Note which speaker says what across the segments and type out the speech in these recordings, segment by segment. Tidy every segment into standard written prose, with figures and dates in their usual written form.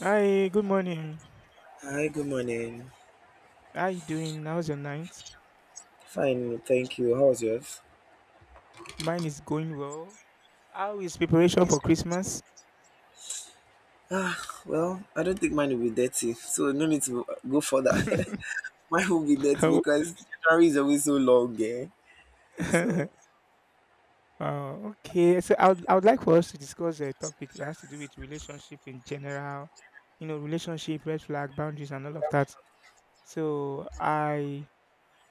Speaker 1: Hi, good morning.
Speaker 2: Hi, good morning.
Speaker 1: How you doing? How's your night?
Speaker 2: Fine, thank you. How was yours?
Speaker 1: Mine is going well. How is preparation for Christmas?
Speaker 2: Ah, well, I don't think mine will be dirty, so no need to go further. Mine will be dirty
Speaker 1: Oh.
Speaker 2: because January is always so long, eh? So,
Speaker 1: Oh, okay. So I would like for us to discuss a topic that has to do with relationship in general, relationship, red flag, boundaries, and all of that. So I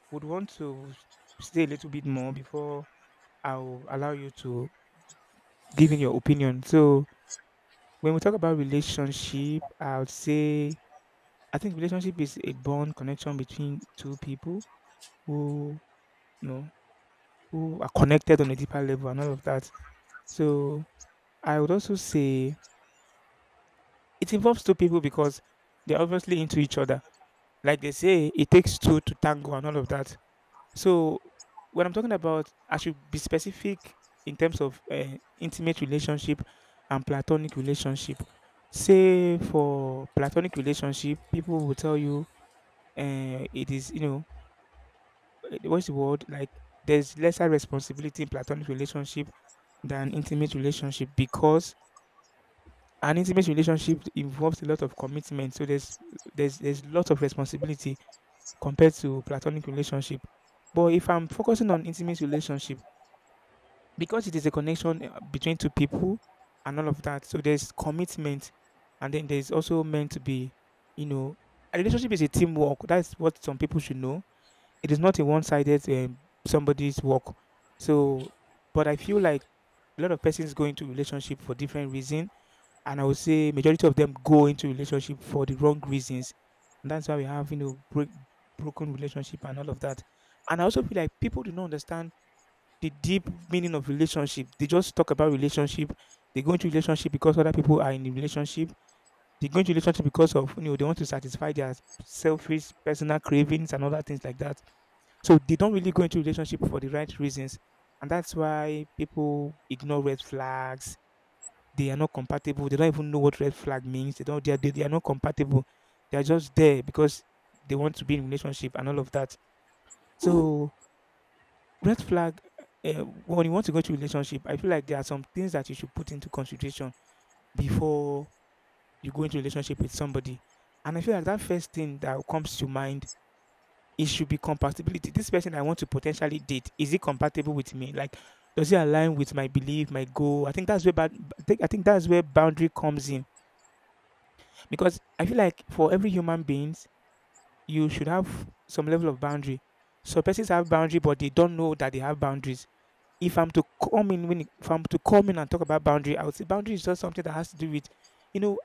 Speaker 1: would want to say a little bit more before I'll allow you to give in your opinion. So when we talk about relationship, I would say I think relationship is a bond connection between two people who you know who are connected on a deeper level and all of that. So I would also say it involves two people because they're obviously into each other. Like they say, it takes two to tango and all of that. So when I'm talking about, I should be specific in terms of intimate relationship and platonic relationship. Say for platonic relationship, people will tell you it is, what's the word? Like there's lesser responsibility in platonic relationship than intimate relationship because an intimate relationship involves a lot of commitment. So there's lot of responsibility compared to platonic relationship. But if I'm focusing on intimate relationship, because it is a connection between two people and all of that, so there's commitment, and then there's also meant to be, you know, a relationship is a teamwork. That's what some people should know. It is not a one-sided somebody's work. So, but I feel like a lot of persons go into relationship for different reason, and I would say majority of them go into relationship for the wrong reasons, and that's why we have broken relationship and all of that. And I also feel like people do not understand the deep meaning of relationship. They just talk about relationship. They go into relationship because other people are in a relationship. They go into relationship because of they want to satisfy their selfish personal cravings and other things like that, so they don't really go into relationship for the right reasons. And that's why people ignore red flags. They are not compatible. They don't even know what red flag means. They are not compatible. They are just there because they want to be in relationship and all of that. So red flag, when you want to go into relationship, I feel like there are some things that you should put into consideration before you go into relationship with somebody. And I feel like that first thing that comes to mind it should be compatibility. This person I want to potentially date, is it compatible with me? Like, does it align with my belief, my goal? I think that's where I think that's where boundary comes in because I feel like for every human beings, you should have some level of boundary. So persons have boundary, but they don't know that they have boundaries. If I'm to come in, when, if I'm to come in and talk about boundary, I would say boundary is just something that has to do with, you know,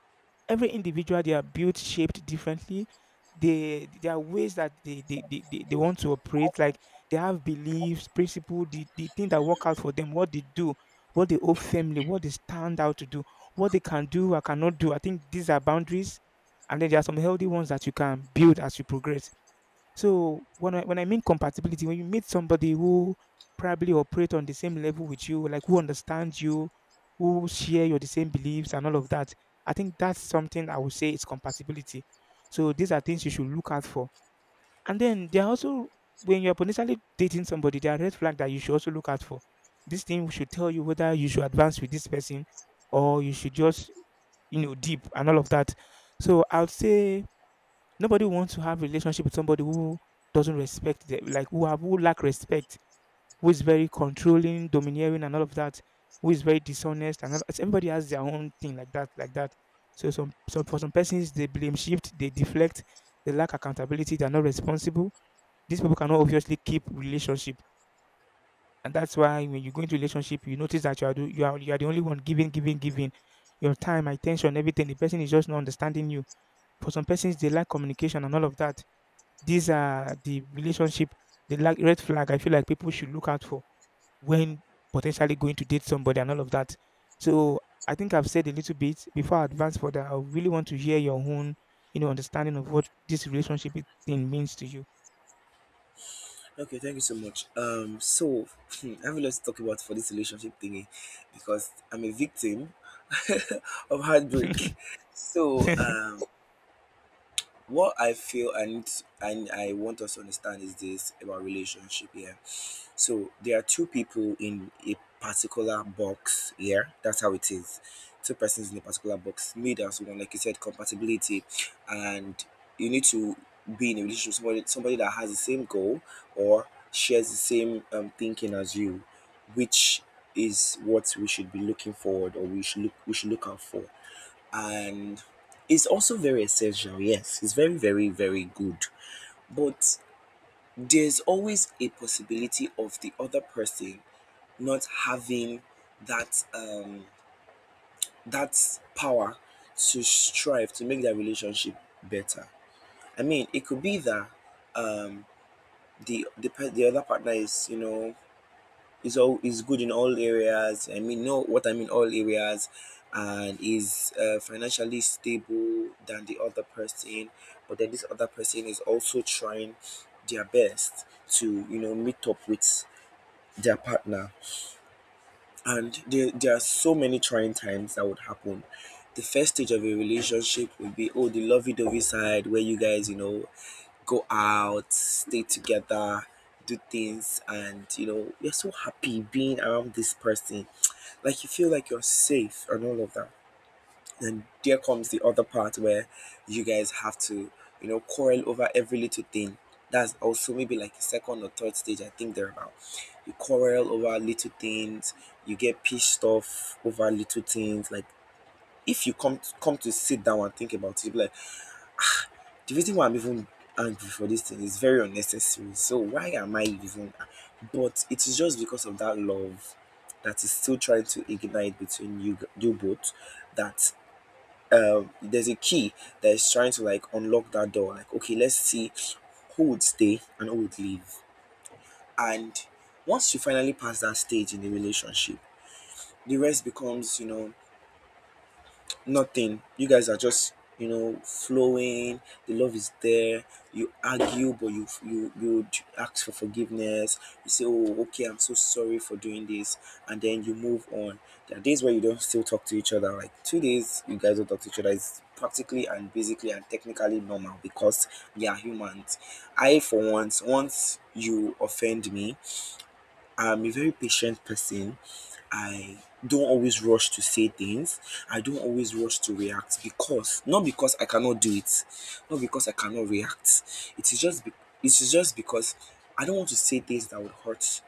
Speaker 1: every individual. They are built shaped differently, they there are ways that they want to operate, like they have beliefs principle, the thing that work out for them, what they do, what they owe family, what they stand out to do, what they can do or cannot do. I think these are boundaries, and then there are some healthy ones that you can build as you progress. So when I mean compatibility, when you meet somebody who probably operate on the same level with you, like who understands you, who share your the same beliefs and all of that, I think that's something I would say is compatibility. So these are things you should look out for. And then there are also when you're potentially dating somebody, there are red flags that you should also look out for. This thing should tell you whether you should advance with this person or you should just, deep and all of that. So I would say nobody wants to have a relationship with somebody who doesn't respect them, like who lack respect, who is very controlling, domineering, and all of that, who is very dishonest, and all, so everybody has their own thing like that, like that. So some for some persons they blame shift, they deflect, they lack accountability, they're not responsible. These people cannot obviously keep relationship, and that's why when you go into relationship, you notice that you are do, you are the only one giving, giving, giving your time, attention, everything. The person is just not understanding you. For some persons, they lack communication and all of that. These are the relationship, the like red flag I feel like people should look out for when potentially going to date somebody and all of that. So I think I've said a little bit before I advance further. I really want to hear your own, understanding of what this relationship thing means to you.
Speaker 2: okay, thank you so much. I have a lot to talk about for this relationship thingy because I'm a victim of heartbreak. So, what I feel and I want us to understand is this about relationship. Yeah. So there are two people in a particular box here. That's how it is. Two persons in a particular box, made as one, like you said, compatibility, and you need to be in a relationship with somebody, somebody that has the same goal or shares the same thinking as you, which is what we should be looking forward or we should look out for. And it's also very essential, yes. It's very, very, very good. But there's always a possibility of the other person not having that um that power to strive to make that relationship better. I mean, it could be that um the other partner is is all is good in all areas. I mean, know what I mean all areas, and is financially stable than the other person, but then this other person is also trying their best to meet up with their partner, and there are so many trying times that would happen. The first stage of a relationship would be, oh, the lovey-dovey side where you guys, go out, stay together, do things, and you're so happy being around this person. Like you feel like you're safe and all of that. Then there comes the other part where you guys have to, quarrel over every little thing. That's also maybe like a second or third stage, I think they're about. You quarrel over little things, you get pissed off over little things. Like if you come to sit down and think about it, like the reason why I'm even angry for this thing is very unnecessary. So why am I even? But it is just because of that love that is still trying to ignite between you both, that there's a key that is trying to like unlock that door. Like, okay, let's see who would stay and who would leave. And once you finally pass that stage in the relationship, the rest becomes, nothing. You guys are just, flowing. The love is there. You argue, but you ask for forgiveness. You say, "Oh, okay, I'm so sorry for doing this," and then you move on. There are days where you don't still talk to each other. Like 2 days, you guys don't talk to each other. It's practically and basically and technically normal because we are humans. I, for once, once you offend me, I'm a very patient person. I don't always rush to say things. I don't always rush to react, because not because I cannot do it, not because I cannot react. It is just be- it is just because I don't want to say things that would hurt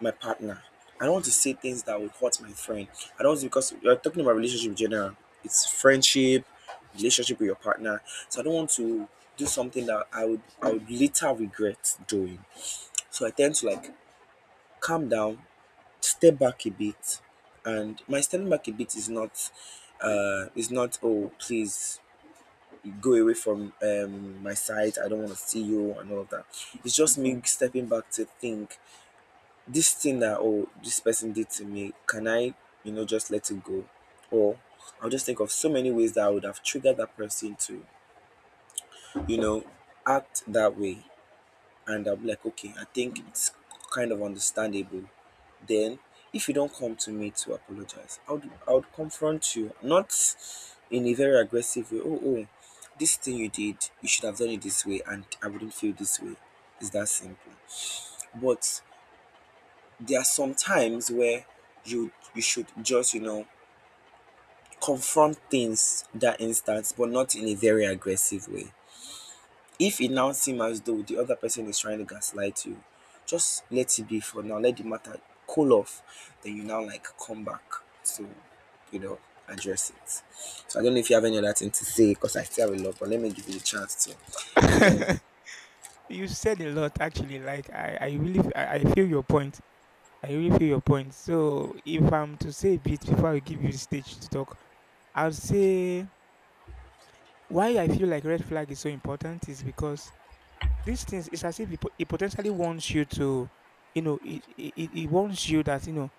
Speaker 2: my partner. I don't want to say things that would hurt my friend. I don't, because you're talking about relationship in general. It's friendship, relationship with your partner. So I don't want to do something that I would later regret doing. So I tend to like calm down, step back a bit, and my stepping back a bit is not, oh, please, go away from my side. I don't want to see you and all of that. It's just me stepping back to think this thing that, oh, this person did to me, can I, just let it go, or I'll just think of so many ways that I would have triggered that person to you know act that way, and I'll be like, okay, I think it's kind of understandable. Then, if you don't come to me to apologize, I would confront you, not in a very aggressive way. Oh, this thing you did, you should have done it this way, and I wouldn't feel this way. It's that simple. But there are some times where you should just confront things that instance, but not in a very aggressive way. If it now seems as though the other person is trying to gaslight you, just let it be for now. Let the matter cool off. Then you now like come back to, you know, address it. So I don't know if you have any other thing to say because I still have a lot, but let me give you a chance to, you know.
Speaker 1: You said a lot actually. Like I really, I feel your point. I really feel your point. So if I'm to say a bit before I give you the stage to talk, I'll say why I feel like red flag is so important is because these things it's as if it potentially wants you to, it wants you that,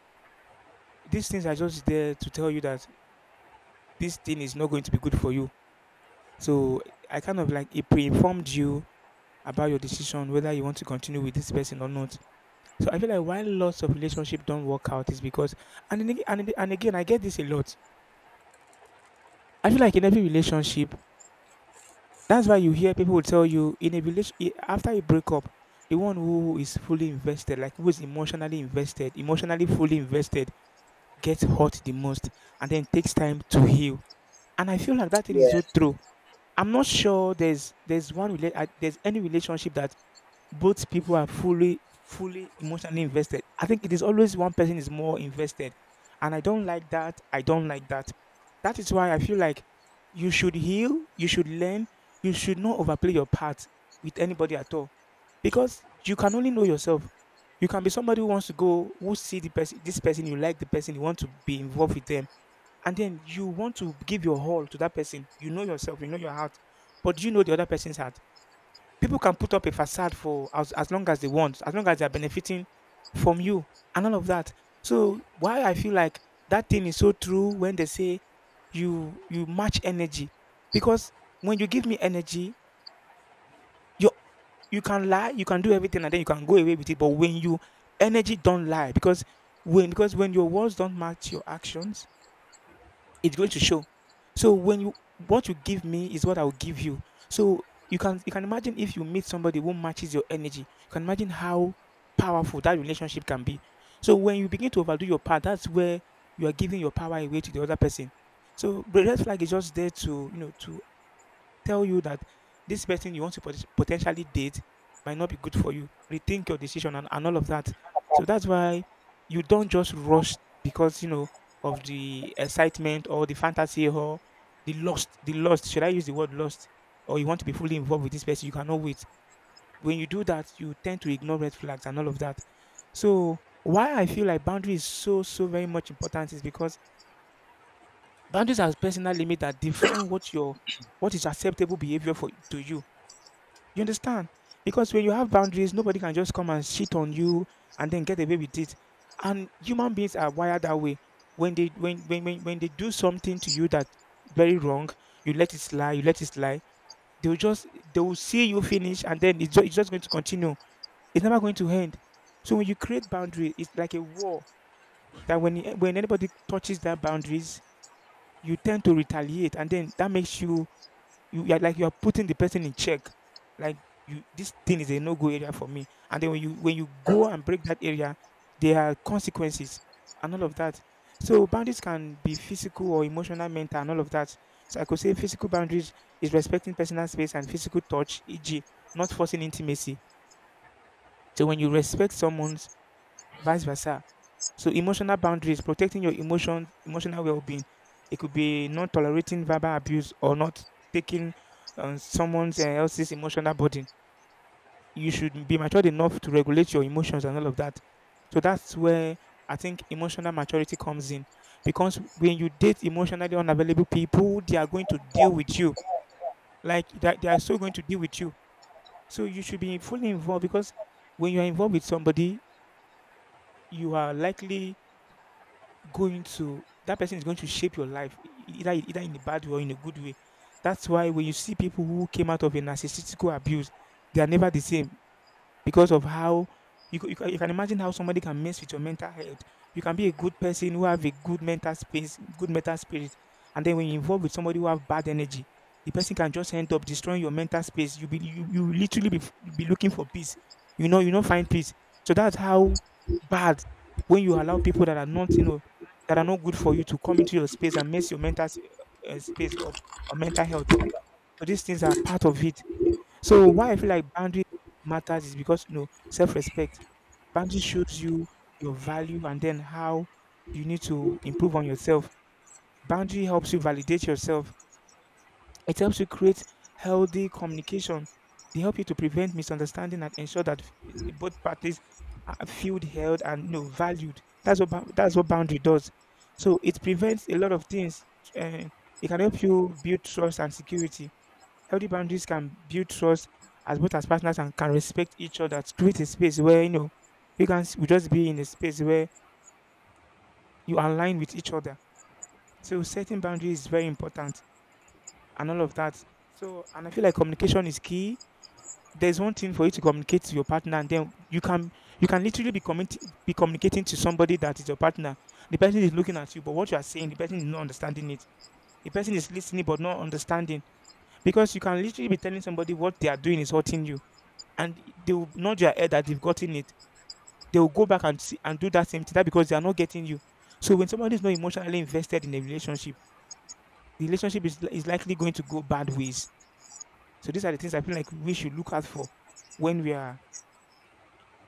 Speaker 1: these things are just there to tell you that this thing is not going to be good for you. So I kind of like it pre-informed you about your decision whether you want to continue with this person or not. So I feel like why lots of relationship don't work out is because and, then ag- and, then- and again I get this a lot. I feel like in every relationship. That's why you hear people tell you in a village after a breakup, the one who is fully invested, like who is emotionally invested, emotionally fully invested, gets hurt the most and then takes time to heal. And I feel like that thing is
Speaker 2: Yeah.
Speaker 1: so true. I'm not sure there's any relationship that both people are fully emotionally invested. I think it is always one person is more invested, and I don't like that. I don't like that. That is why I feel like you should heal, you should learn, you should not overplay your part with anybody at all, because you can only know yourself. You can be somebody who wants to go, who see the person, this person you like, the person you want to be involved with them, and then you want to give your all to that person. You know yourself, you know your heart, but do you know the other person's heart? People can put up a facade for as long as they want, as long as they are benefiting from you and all of that. So why I feel like that thing is so true when they say you match energy, because when you give me energy, you you can lie, you can do everything, and then you can go away with it. But when you energy don't lie, because when your words don't match your actions, it's going to show. So when you what you give me is what I will give you. So you can imagine if you meet somebody who matches your energy, you can imagine how powerful that relationship can be. So when you begin to overdo your part, that's where you are giving your power away to the other person. So the red flag is just there to, to tell you that this person you want to potentially date might not be good for you. Rethink your decision, and all of that. So that's why you don't just rush because, of the excitement or the fantasy or the lust. The lust. Should I use the word lust? Or you want to be fully involved with this person? You cannot wait. When you do that, you tend to ignore red flags and all of that. So why I feel like boundary is so very much important is because boundaries are personal limits that define what is acceptable behavior for to you. You understand? Because when you have boundaries, nobody can just come and shit on you and then get away with it. And human beings are wired that way. When they do something to you that very wrong, you let it slide, you let it slide. They'll just they will see you finish, and then it's just going to continue. It's never going to end. So when you create boundaries, it's like a war that when anybody touches that boundaries, you tend to retaliate, and then that makes you you're like you're putting the person in check. Like you this thing is a no-go area for me. And then when you go and break that area, there are consequences and all of that. So boundaries can be physical or emotional, mental, and all of that. So I could say physical boundaries is respecting personal space and physical touch, e.g., not forcing intimacy. So when you respect someone's vice versa, so emotional boundaries, protecting your emotions, emotional well-being. It could be not tolerating verbal abuse or not taking someone else's emotional burden. You should be matured enough to regulate your emotions and all of that. So that's where I think emotional maturity comes in, because when you date emotionally unavailable people, they are going to deal with you. Like that, they are so going to deal with you. So you should be fully involved, because when you are involved with somebody, you are likely going to that person is going to shape your life either in a bad way or in a good way. That's why when you see people who came out of a narcissistical abuse, they are never the same. Because of how you can you can imagine how somebody can mess with your mental health. You can be a good person who have a good mental space, good mental spirit, and then when you involve with somebody who have bad energy, the person can just end up destroying your mental space. You be you literally be looking for peace. You know, you do not find peace. So that's how bad when you allow people that are not, you know, that are not good for you to come into your space and mess your mental s space up or mental health up. So these things are part of it. So why I feel like boundary matters is because you know self-respect. Boundary shows you your value and then how you need to improve on yourself. Boundary helps you validate yourself. It helps you create healthy communication. They help you to prevent misunderstanding and ensure that both parties are feel held and, you know, valued. That's what boundary does. So it prevents a lot of things. And it can help you build trust and security. Healthy boundaries can build trust as both as partners and can respect each other to create a space where, you know, we just be in a space where you align with each other. So setting boundaries is very important and all of that. So, and I feel like communication is key. There's one thing for you to communicate to your partner, and then you can literally be communicating to somebody that is your partner. The person is looking at you, but what you are saying, the person is not understanding it. The person is listening but not understanding, because you can literally be telling somebody what they are doing is hurting you, and they will nod their head that they've gotten it. They will go back and see and do that same thing that because they are not getting you. So when somebody is not emotionally invested in a relationship, the relationship is likely going to go bad ways. So these are the things I feel like we should look out for when we are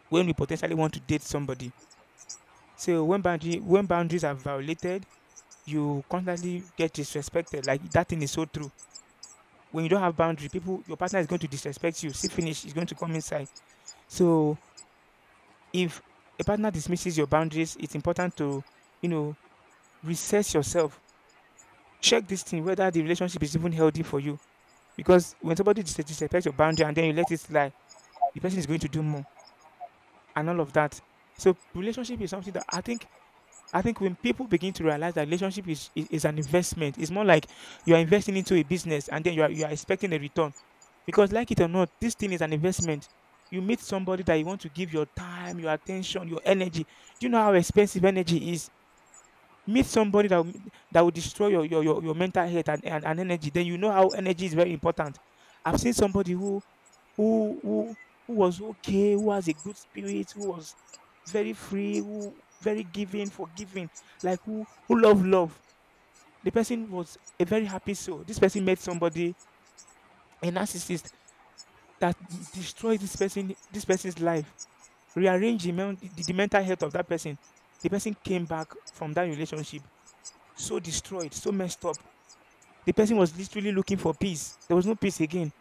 Speaker 1: when we potentially want to date somebody. So when boundaries are violated, you constantly get disrespected. Like that thing is so true. When you don't have boundary, people your partner is going to disrespect you. See finish is going to come inside. So if a partner dismisses your boundaries, it's important to, you know, reassess yourself. Check this thing whether the relationship is even healthy for you. Because when somebody disrespects your boundary and then you let it slide, the person is going to do more and all of that. So relationship is something that I think when people begin to realize that relationship is an investment, it's more like you are investing into a business and then you are expecting a return. Because like it or not, this thing is an investment. You meet somebody that you want to give your time, your attention, your energy. Do you know how expensive energy is? Meet somebody that will destroy your mental health and energy. Then you know how energy is very important. I've seen somebody who who, who was okay, who has a good spirit, who was very free, who very giving, forgiving, like who love love. The person was a very happy soul. This person met somebody, a narcissist, that destroyed this person, this person's life, rearranged the mental health of that person. The person came back from that relationship so destroyed, so messed up. The person was literally looking for peace. There was no peace again.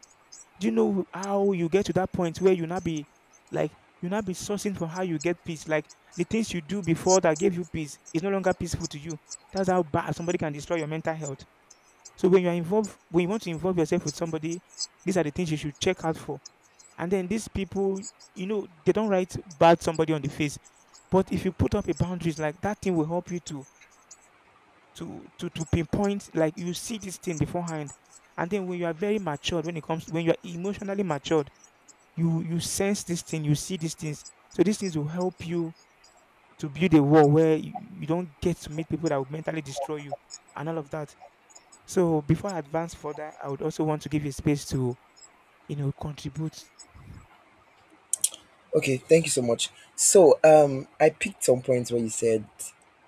Speaker 1: Do you know how you get to that point where you not be like you not be sourcing for how you get peace? Like the things you do before that gave you peace is no longer peaceful to you. That's how bad somebody can destroy your mental health. So when you are involved, when you want to involve yourself with somebody, these are the things you should check out for. And then these people, you know, they don't write bad somebody on the face. But if you put up a boundaries like that thing will help you to to pinpoint like you see this thing beforehand, and then when you are very matured when it comes when you are emotionally matured you you sense this thing you see these things. So these things will help you to build a wall where you don't get to meet people that will mentally destroy you and all of that. So before I advance further, I would also want to give you space to, you know, contribute.
Speaker 2: Okay, thank you so much. So, I picked some points where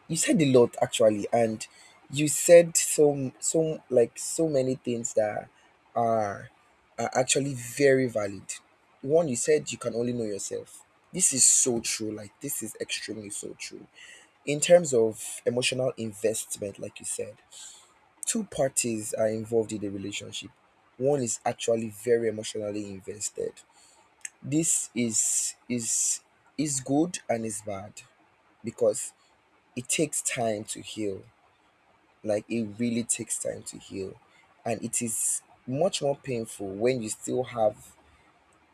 Speaker 2: you said a lot actually, and you said some like so many things that are are actually very valid. One, you said you can only know yourself. This is so true. Like this is extremely so true. In terms of emotional investment, like you said, two parties are involved in the relationship. One is actually very emotionally invested. This is good and is bad, because it takes time to heal, like it really takes time to heal, and it is much more painful when you still have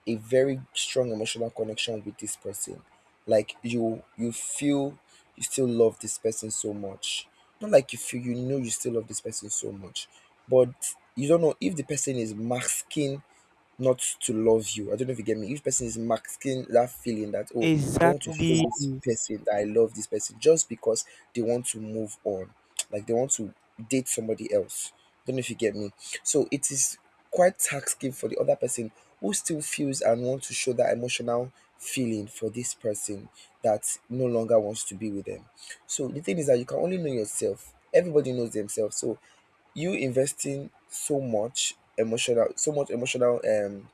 Speaker 2: a very strong emotional connection with this person. Like you feel you still love this person so much, not like you feel, you still love this person so much, but you don't know if the person is masking not to love you. I don't know if you get me. If person is masking that feeling that, oh, I don't want to show
Speaker 1: Exactly.
Speaker 2: this person that I love this person just because they want to move on, like they want to date somebody else. Don't know if you get me. So it is quite taxing for the other person who still feels and wants to show that emotional feeling for this person that no longer wants to be with them. So the thing is that you can only know yourself. Everybody knows themselves. So you investing so much emotional so much emotional um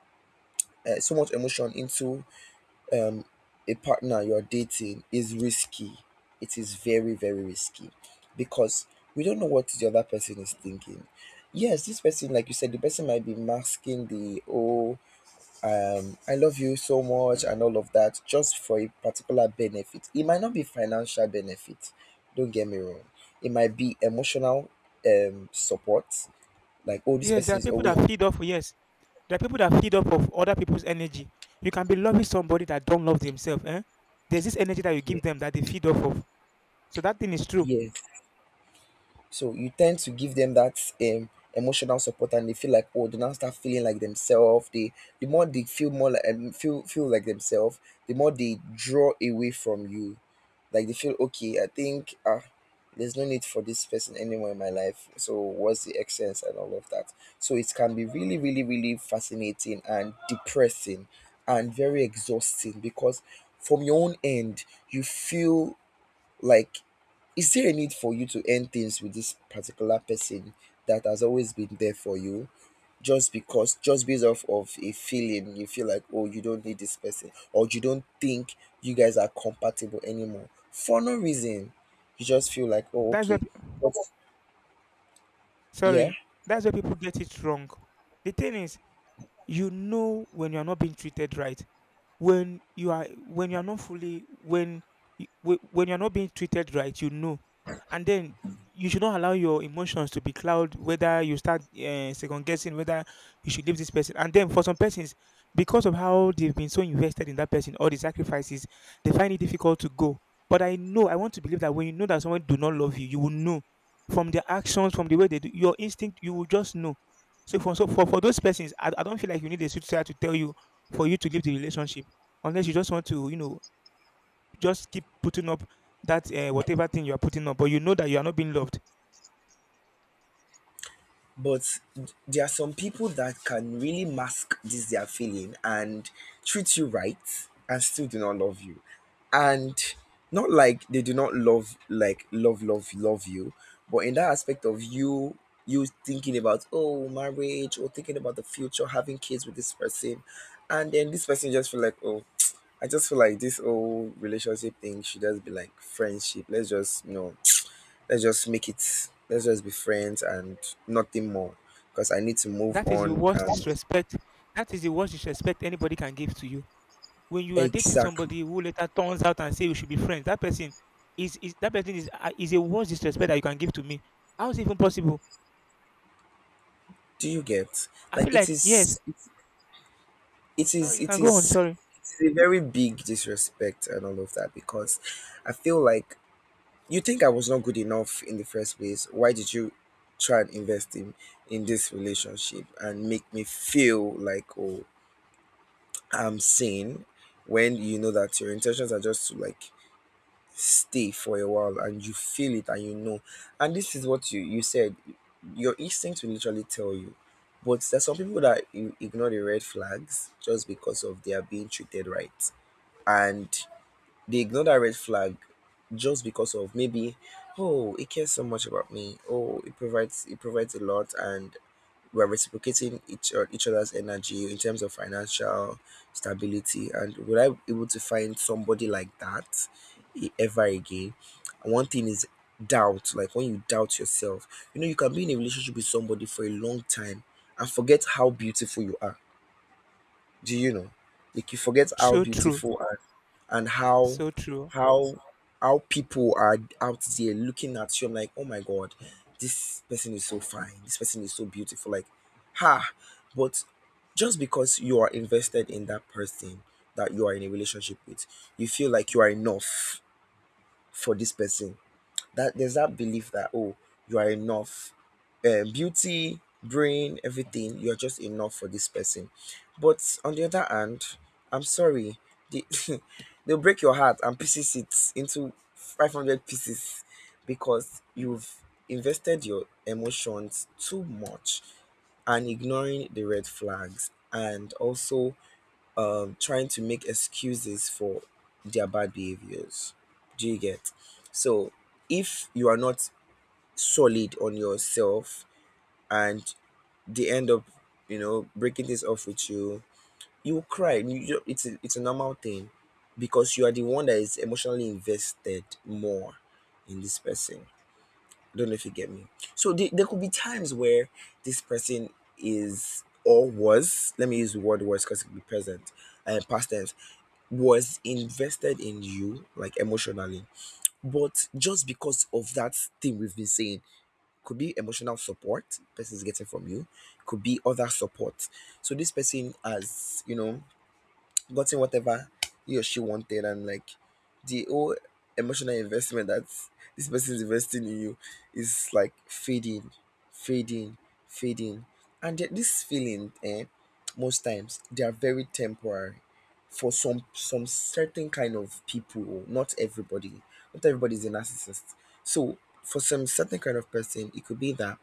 Speaker 2: uh, so much emotion into um, a partner you're dating is risky. It is very, very risky, because we don't know what the other person is thinking. Yes, this person, like you said, the person might be masking the, oh, I love you so much and all of that just for a particular benefit. It might not be financial benefit, don't get me wrong. It might be emotional support, like, oh, this
Speaker 1: Yes, there
Speaker 2: person
Speaker 1: are
Speaker 2: is
Speaker 1: people
Speaker 2: always
Speaker 1: that feed off. Yes, there are people that feed off of other people's energy. You can be loving somebody that don't love themselves. Eh? There's this energy that you give
Speaker 2: here.
Speaker 1: them that they feed off of. So that thing is true.
Speaker 2: Yes, so you tend to give them that emotional support, and they feel like, oh, they now start feeling like themselves. The more they feel more like, feel like themselves, the more they draw away from you. Like they feel, okay, I think, there's no need for this person anymore in my life. So what's the essence and all of that? So it can be really, really, really fascinating and depressing, and very exhausting because from your own end you feel like, is there a need for you to end things with this particular person that has always been there for you just because, just based off of a feeling you feel like, oh, you don't need this person or you don't think you guys are compatible anymore for no reason? You just feel like, oh,
Speaker 1: That's where,
Speaker 2: okay. But, yeah.
Speaker 1: sorry, that's where people get it wrong. The thing is, you know when you are not being treated right. When you are not fully when y- whe- when you are not being treated right, you know. And then you should not allow your emotions to be cloud whether you start second guessing whether you should leave this person. And then for some persons, because of how they've been so invested in that person or the sacrifices, they find it difficult to go. But I know I want to believe that when you know that someone do not love you, you will know from their actions, from the way they do, your instinct you will just know. So for those persons, I don't feel like you need a suicide to tell you for you to leave the relationship, unless you just want to, you know, just keep putting up that whatever thing you are putting up, but you know that you are not being loved.
Speaker 2: But there are some people that can really mask this their feeling and treat you right and still do not love you. And not like they do not love like love love love you, but in that aspect of you thinking about, oh, marriage, or thinking about the future, having kids with this person, and then this person just feel like, oh, I just feel like this whole relationship thing should just be like friendship. Let's just, be friends and nothing more, because I need to move
Speaker 1: That is the
Speaker 2: on
Speaker 1: worst
Speaker 2: and
Speaker 1: disrespect. That is the worst disrespect anybody can give to you. When you are dating
Speaker 2: exactly
Speaker 1: somebody who later turns out and say we should be friends, that person is, that person is a worst disrespect that you can give to me. How is it even possible?
Speaker 2: do you get,
Speaker 1: I feel
Speaker 2: like it
Speaker 1: like yes.
Speaker 2: is it
Speaker 1: Sorry,
Speaker 2: is
Speaker 1: you can
Speaker 2: it
Speaker 1: go on.
Speaker 2: is
Speaker 1: Sorry.
Speaker 2: it's a very big disrespect and all of that, because I feel like you think I was not good enough in the first place. Why did you try and invest in this relationship and make me feel like, oh, I'm sane, when you know that your intentions are just to like stay for a while and you feel it and you know. And this is what you said, your instinct will literally tell you. But there's some people that ignore the red flags just because of they are being treated right. And they ignore that red flag just because of maybe, oh, he cares so much about me. Oh, it provides a lot, and we're reciprocating each other's energy in terms of financial stability. And will I be able to find somebody like that ever again? And one thing is doubt. Like, when you doubt yourself, you know, you can be in a relationship with somebody for a long time and forget how beautiful you are. Do you know? Like, you forget how
Speaker 1: So true.
Speaker 2: beautiful and and
Speaker 1: So true.
Speaker 2: how how people are out there looking at you. I'm like, oh my god, this person is so fine. This person is so beautiful. Like, ha. But just because you are invested in that person that you are in a relationship with, you feel like you are enough for this person. That there's that belief that oh, you are enough, beauty, brain, everything, you're just enough for this person. But on the other hand, I'm sorry, they, they'll break your heart and pieces it into 500 pieces because
Speaker 1: Mm.
Speaker 2: you've invested your emotions too much and ignoring the red flags, and also trying to make excuses for their bad behaviors. Do you get? So, if you are not solid on yourself and they end up, you know, breaking things off with you, you will cry. You just, it's a normal thing because you are the one that is emotionally invested more in this person. I don't know if you get me. So there could be times where this person is or was, let me use the word was because it could be present and past tense, was invested in you, like emotionally. But just because of that thing we've been saying, could be emotional support person is getting from you, could be other support. So this person has, you know, gotten whatever he or she wanted, and like, the whole emotional investment that this person is investing in you is like fading, fading, fading. And this feeling, most times they are very temporary for some certain kind of people. Not everybody, not everybody is a narcissist. So for some certain kind of person, it could be that,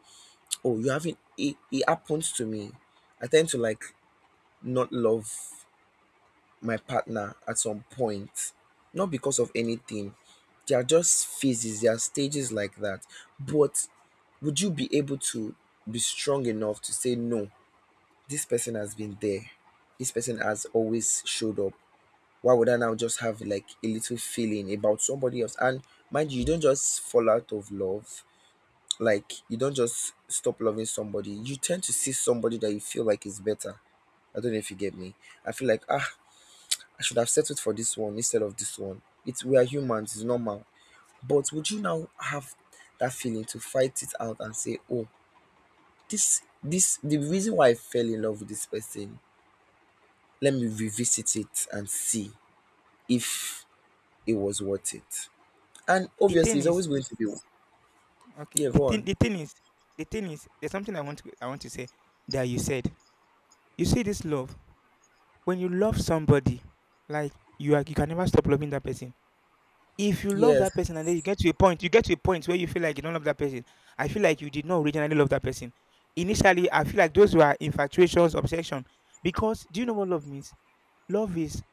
Speaker 2: oh, you haven't. It happens to me. I tend to like not love my partner at some point, not because of anything. There are just phases, there are stages like that. But would you be able to be strong enough to say, no, this person has been there? This person has always showed up. Why would I now just have like a little feeling about somebody else? And mind you, you don't just fall out of love. Like, you don't just stop loving somebody. You tend to see somebody that you feel like is better. I don't know if you get me. I feel like, ah, I should have settled for this one instead of this one. It's, we are humans, it's normal. But would you now have that feeling to fight it out and say, oh, this the reason why I fell in love with this person, let me revisit it and see if it was worth it. And
Speaker 1: The
Speaker 2: obviously
Speaker 1: thing
Speaker 2: it's
Speaker 1: is,
Speaker 2: always going to be.
Speaker 1: okay.
Speaker 2: Yeah,
Speaker 1: The
Speaker 2: go
Speaker 1: thing,
Speaker 2: on.
Speaker 1: the thing is, the thing is, there's something I want to say that you said. You see this love when you love somebody, like you are, you can never stop loving that person. If you love
Speaker 2: Yes.
Speaker 1: that person and then you get to a point, you get to a point where you feel like you don't love that person. I feel like you did not originally love that person. Initially, I feel like those were infatuations, obsession. Because do you know what love means? Love is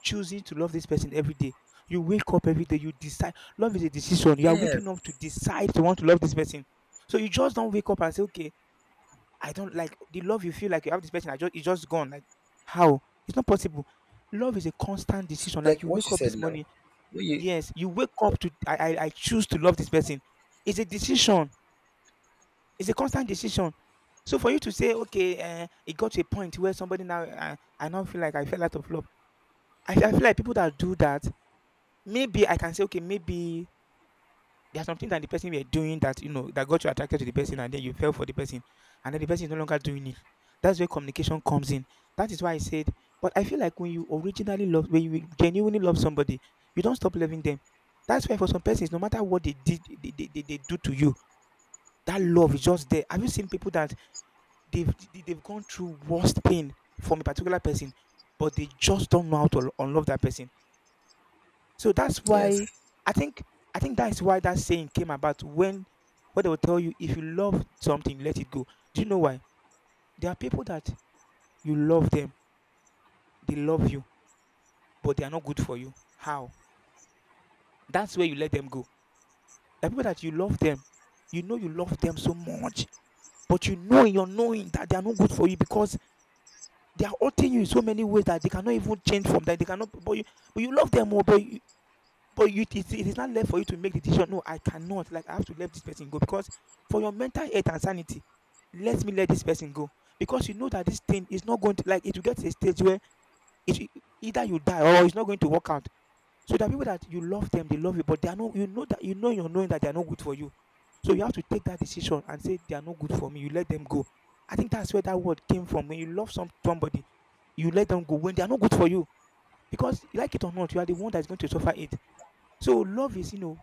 Speaker 1: choosing to love this person every day. You wake up every day, you decide. Love is a decision. You are waking up to
Speaker 2: Yes.
Speaker 1: decide to want to love this person. So you just don't wake up and say, okay, I don't like the love you feel like you have this person. I just it's just gone. Like how? It's not possible. Love is a constant
Speaker 2: So,
Speaker 1: decision. Like,
Speaker 2: like
Speaker 1: you
Speaker 2: what
Speaker 1: wake
Speaker 2: you
Speaker 1: up
Speaker 2: said
Speaker 1: this
Speaker 2: now,
Speaker 1: morning,
Speaker 2: when you.
Speaker 1: yes, you wake up to I choose to love this person. It's a decision. It's a constant decision. So for you to say, okay, it got to a point where somebody now I now feel like I fell out of love. I feel like people that do that, maybe I can say, okay, maybe there are some things that the person were doing that you know that got you attracted to the person, and then you fell for the person, and then the person is no longer doing it. That's where communication comes in. That is why I said, but I feel like when you originally love, when you genuinely love somebody, you don't stop loving them. That's why for some persons, no matter what they did, they do to you, that love is just there. Have you seen people that they've they- they've gone through worst pain from a particular person, but they just don't know how to unlove that person? So that's why
Speaker 2: Yes,
Speaker 1: I think I think that's why that saying came about, when what they will tell you: if you love something, let it go. Do you know why? There are people that you love them, they love you, but they are not good for you. How? That's where you let them go. The people that you love them, you know you love them so much, but you know in your knowing that they are not good for you, because they are hurting you in so many ways that they cannot even change from that. They cannot, but you love them more. But you, it is not left for you to make the decision. No, I cannot. Like, I have to let this person go because, for your mental health and sanity, let me let this person go, because you know that this thing is not going to, like, it will get to a stage where it, either you die or it's not going to work out. So the people that you love them, they love you, but they are not. You know that you know, you're knowing that they are not good for you. So you have to take that decision and say they are not good for me. You let them go. I think that's where that word came from. When you love somebody, you let them go when they are not good for you, because, like it or not, you are the one that's going to suffer it. So love is, you know,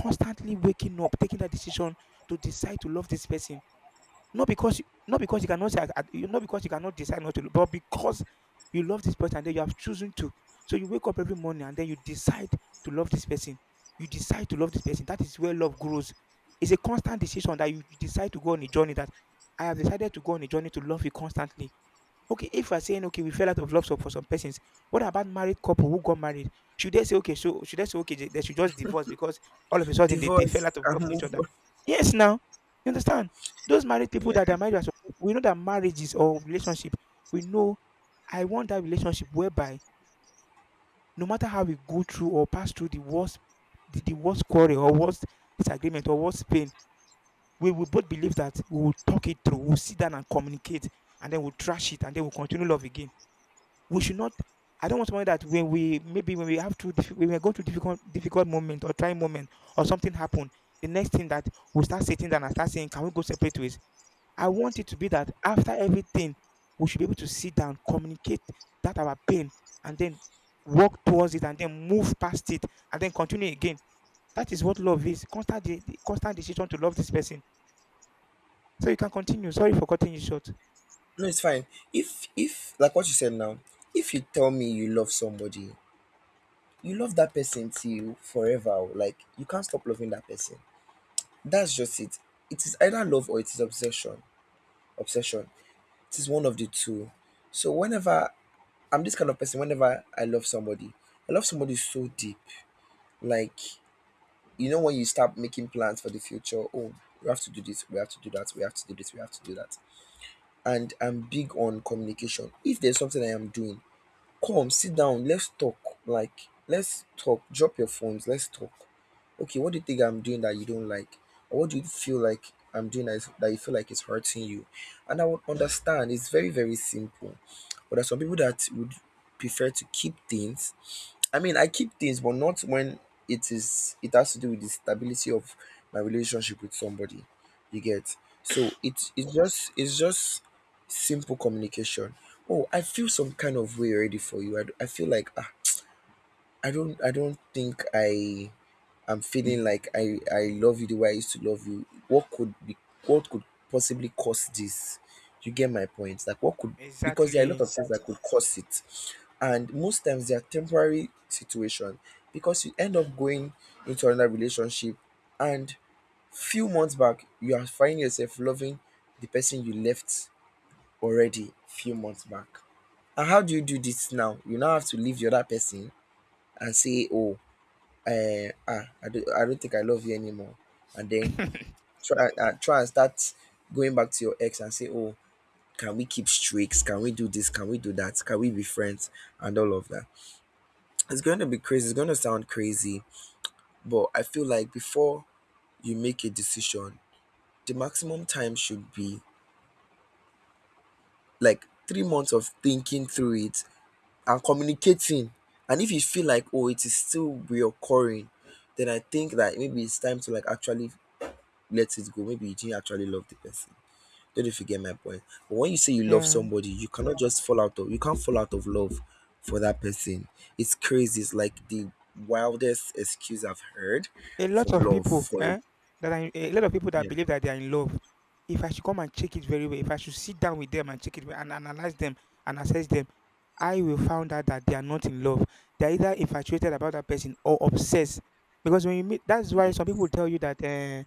Speaker 1: constantly waking up, taking that decision to decide to love this person. Not because you cannot say I- you not because you cannot decide not to love, but because you love this person and then you have chosen to. So you wake up every morning and then you decide to love this person. You decide to love this person. That is where love grows. It's a constant decision that you decide to go on a journey. That I have decided to go on a journey to love you constantly. Okay, if we're saying okay, we fell out of love, for some persons, what about married couple who got married? Should they say okay? So should they say okay, they should just divorce because all of a sudden they fell
Speaker 2: divorce
Speaker 1: out of
Speaker 2: and
Speaker 1: love with each
Speaker 2: move
Speaker 1: other?
Speaker 2: on.
Speaker 1: Yes, now you understand. Those married people
Speaker 2: Yeah.
Speaker 1: that are married, we know that marriages or relationship, we know, I want that relationship whereby no matter how we go through or pass through the worst, the worst quarrel, or worst disagreement, or worst pain, we will both believe that we will talk it through. We'll sit down and communicate, and then we'll trash it, and then we'll continue love again. We should not, I don't want somebody that when we, maybe when we have to, when we're going through difficult moment or trying moment, or something happen, the next thing that we start sitting down and start saying, can we go separate ways? I want it to be that after everything, we should be able to sit down, communicate that our pain, and then work towards it, and then move past it, and then continue again. That is what love is: constant constant decision to love this person. So you can continue. Sorry for cutting you short.
Speaker 2: No, it's fine. If like what you said now, if you tell me you love somebody, you love that person till you forever. Oh, like you can't stop loving that person. That's just it. It is either love or it is obsession. Obsession. It is one of the two. So whenever, I'm this kind of person, whenever I love somebody so deep. Like, you know when you start making plans for the future, oh, we have to do this, we have to do that, we have to do this, we have to do that. And I'm big on communication. If there's something I am doing, come sit down, let's talk. Like, let's talk. Drop your phones, let's talk. Okay, what do you think I'm doing that you don't like? Or what do you feel like I'm doing that, is, that you feel like it's hurting you? And I would understand. It's very, very simple. But there are some people that would prefer to keep things. I mean, I keep things, but not when it is, it has to do with the stability of my relationship with somebody. You get? So it's just simple communication. "Oh, I feel some kind of way already for you. I, I feel like, ah, I don't think I am feeling like I love you the way I used to love you. What could be, what could possibly cause this? You get my point? Like, what could," because there are a lot
Speaker 1: Exactly.
Speaker 2: of things that, exactly, could cause it, and most times they are temporary situation because you end up going into another relationship, and few months back you are finding yourself loving the person you left already a few months back. And how do you do this now? You now have to leave the other person and say, "Oh, ah, I don't think I love you anymore," and then try, try and start going back to your ex and say, "Oh, can we keep streaks? Can we do this? Can we do that? Can we be friends?" And all of that. It's going to be crazy. It's going to sound crazy, but I feel like before you make a decision, the maximum time should be like 3 months of thinking through it and communicating. And if you feel like, oh, it is still reoccurring, then I think that maybe it's time to like actually let it go. Maybe you didn't actually love the person. Don't know, you get my point. But when you say you love
Speaker 1: Yeah.
Speaker 2: somebody, you cannot just fall out of, you can't fall out of love for that person. It's crazy. It's like the wildest excuse I've heard
Speaker 1: A lot
Speaker 2: from
Speaker 1: of
Speaker 2: love
Speaker 1: people,
Speaker 2: for it.
Speaker 1: eh, a lot of people that
Speaker 2: Yeah.
Speaker 1: believe that they are in love, if I should come and check it very well, if I should sit down with them and check it well and analyze them and assess them, I will find out that they are not in love. They're either infatuated about that person or obsessed. Because when you meet, that's why
Speaker 2: Yeah.
Speaker 1: some people tell you that uh,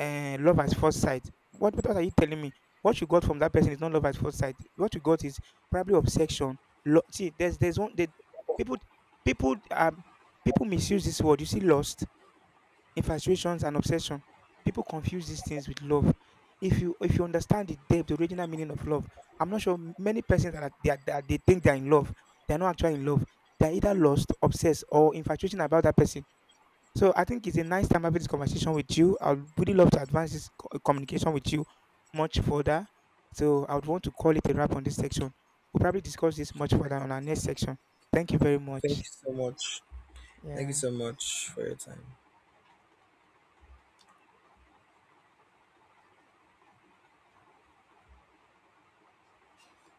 Speaker 1: uh, love at first sight, what are you telling me? What you got from that person is not love at first sight. What you got is probably obsession. See, there's one that people, people um people misuse this word. You see, lost, infatuations, and obsession. People confuse these things with love. If you understand the depth, the original meaning of love, I'm not sure many persons that that they think they're in love, they're not actually in love. They're either lost, obsessed, or infatuation about that person. So I think it's a nice time having this conversation with you. I would really love to advance this communication with you much further. So I would want to call it a wrap on this section. We'll probably discuss this much further on our next section. Thank you very
Speaker 2: Thank
Speaker 1: much.
Speaker 2: you so much. Thank you
Speaker 1: Yeah.
Speaker 2: so much for your time.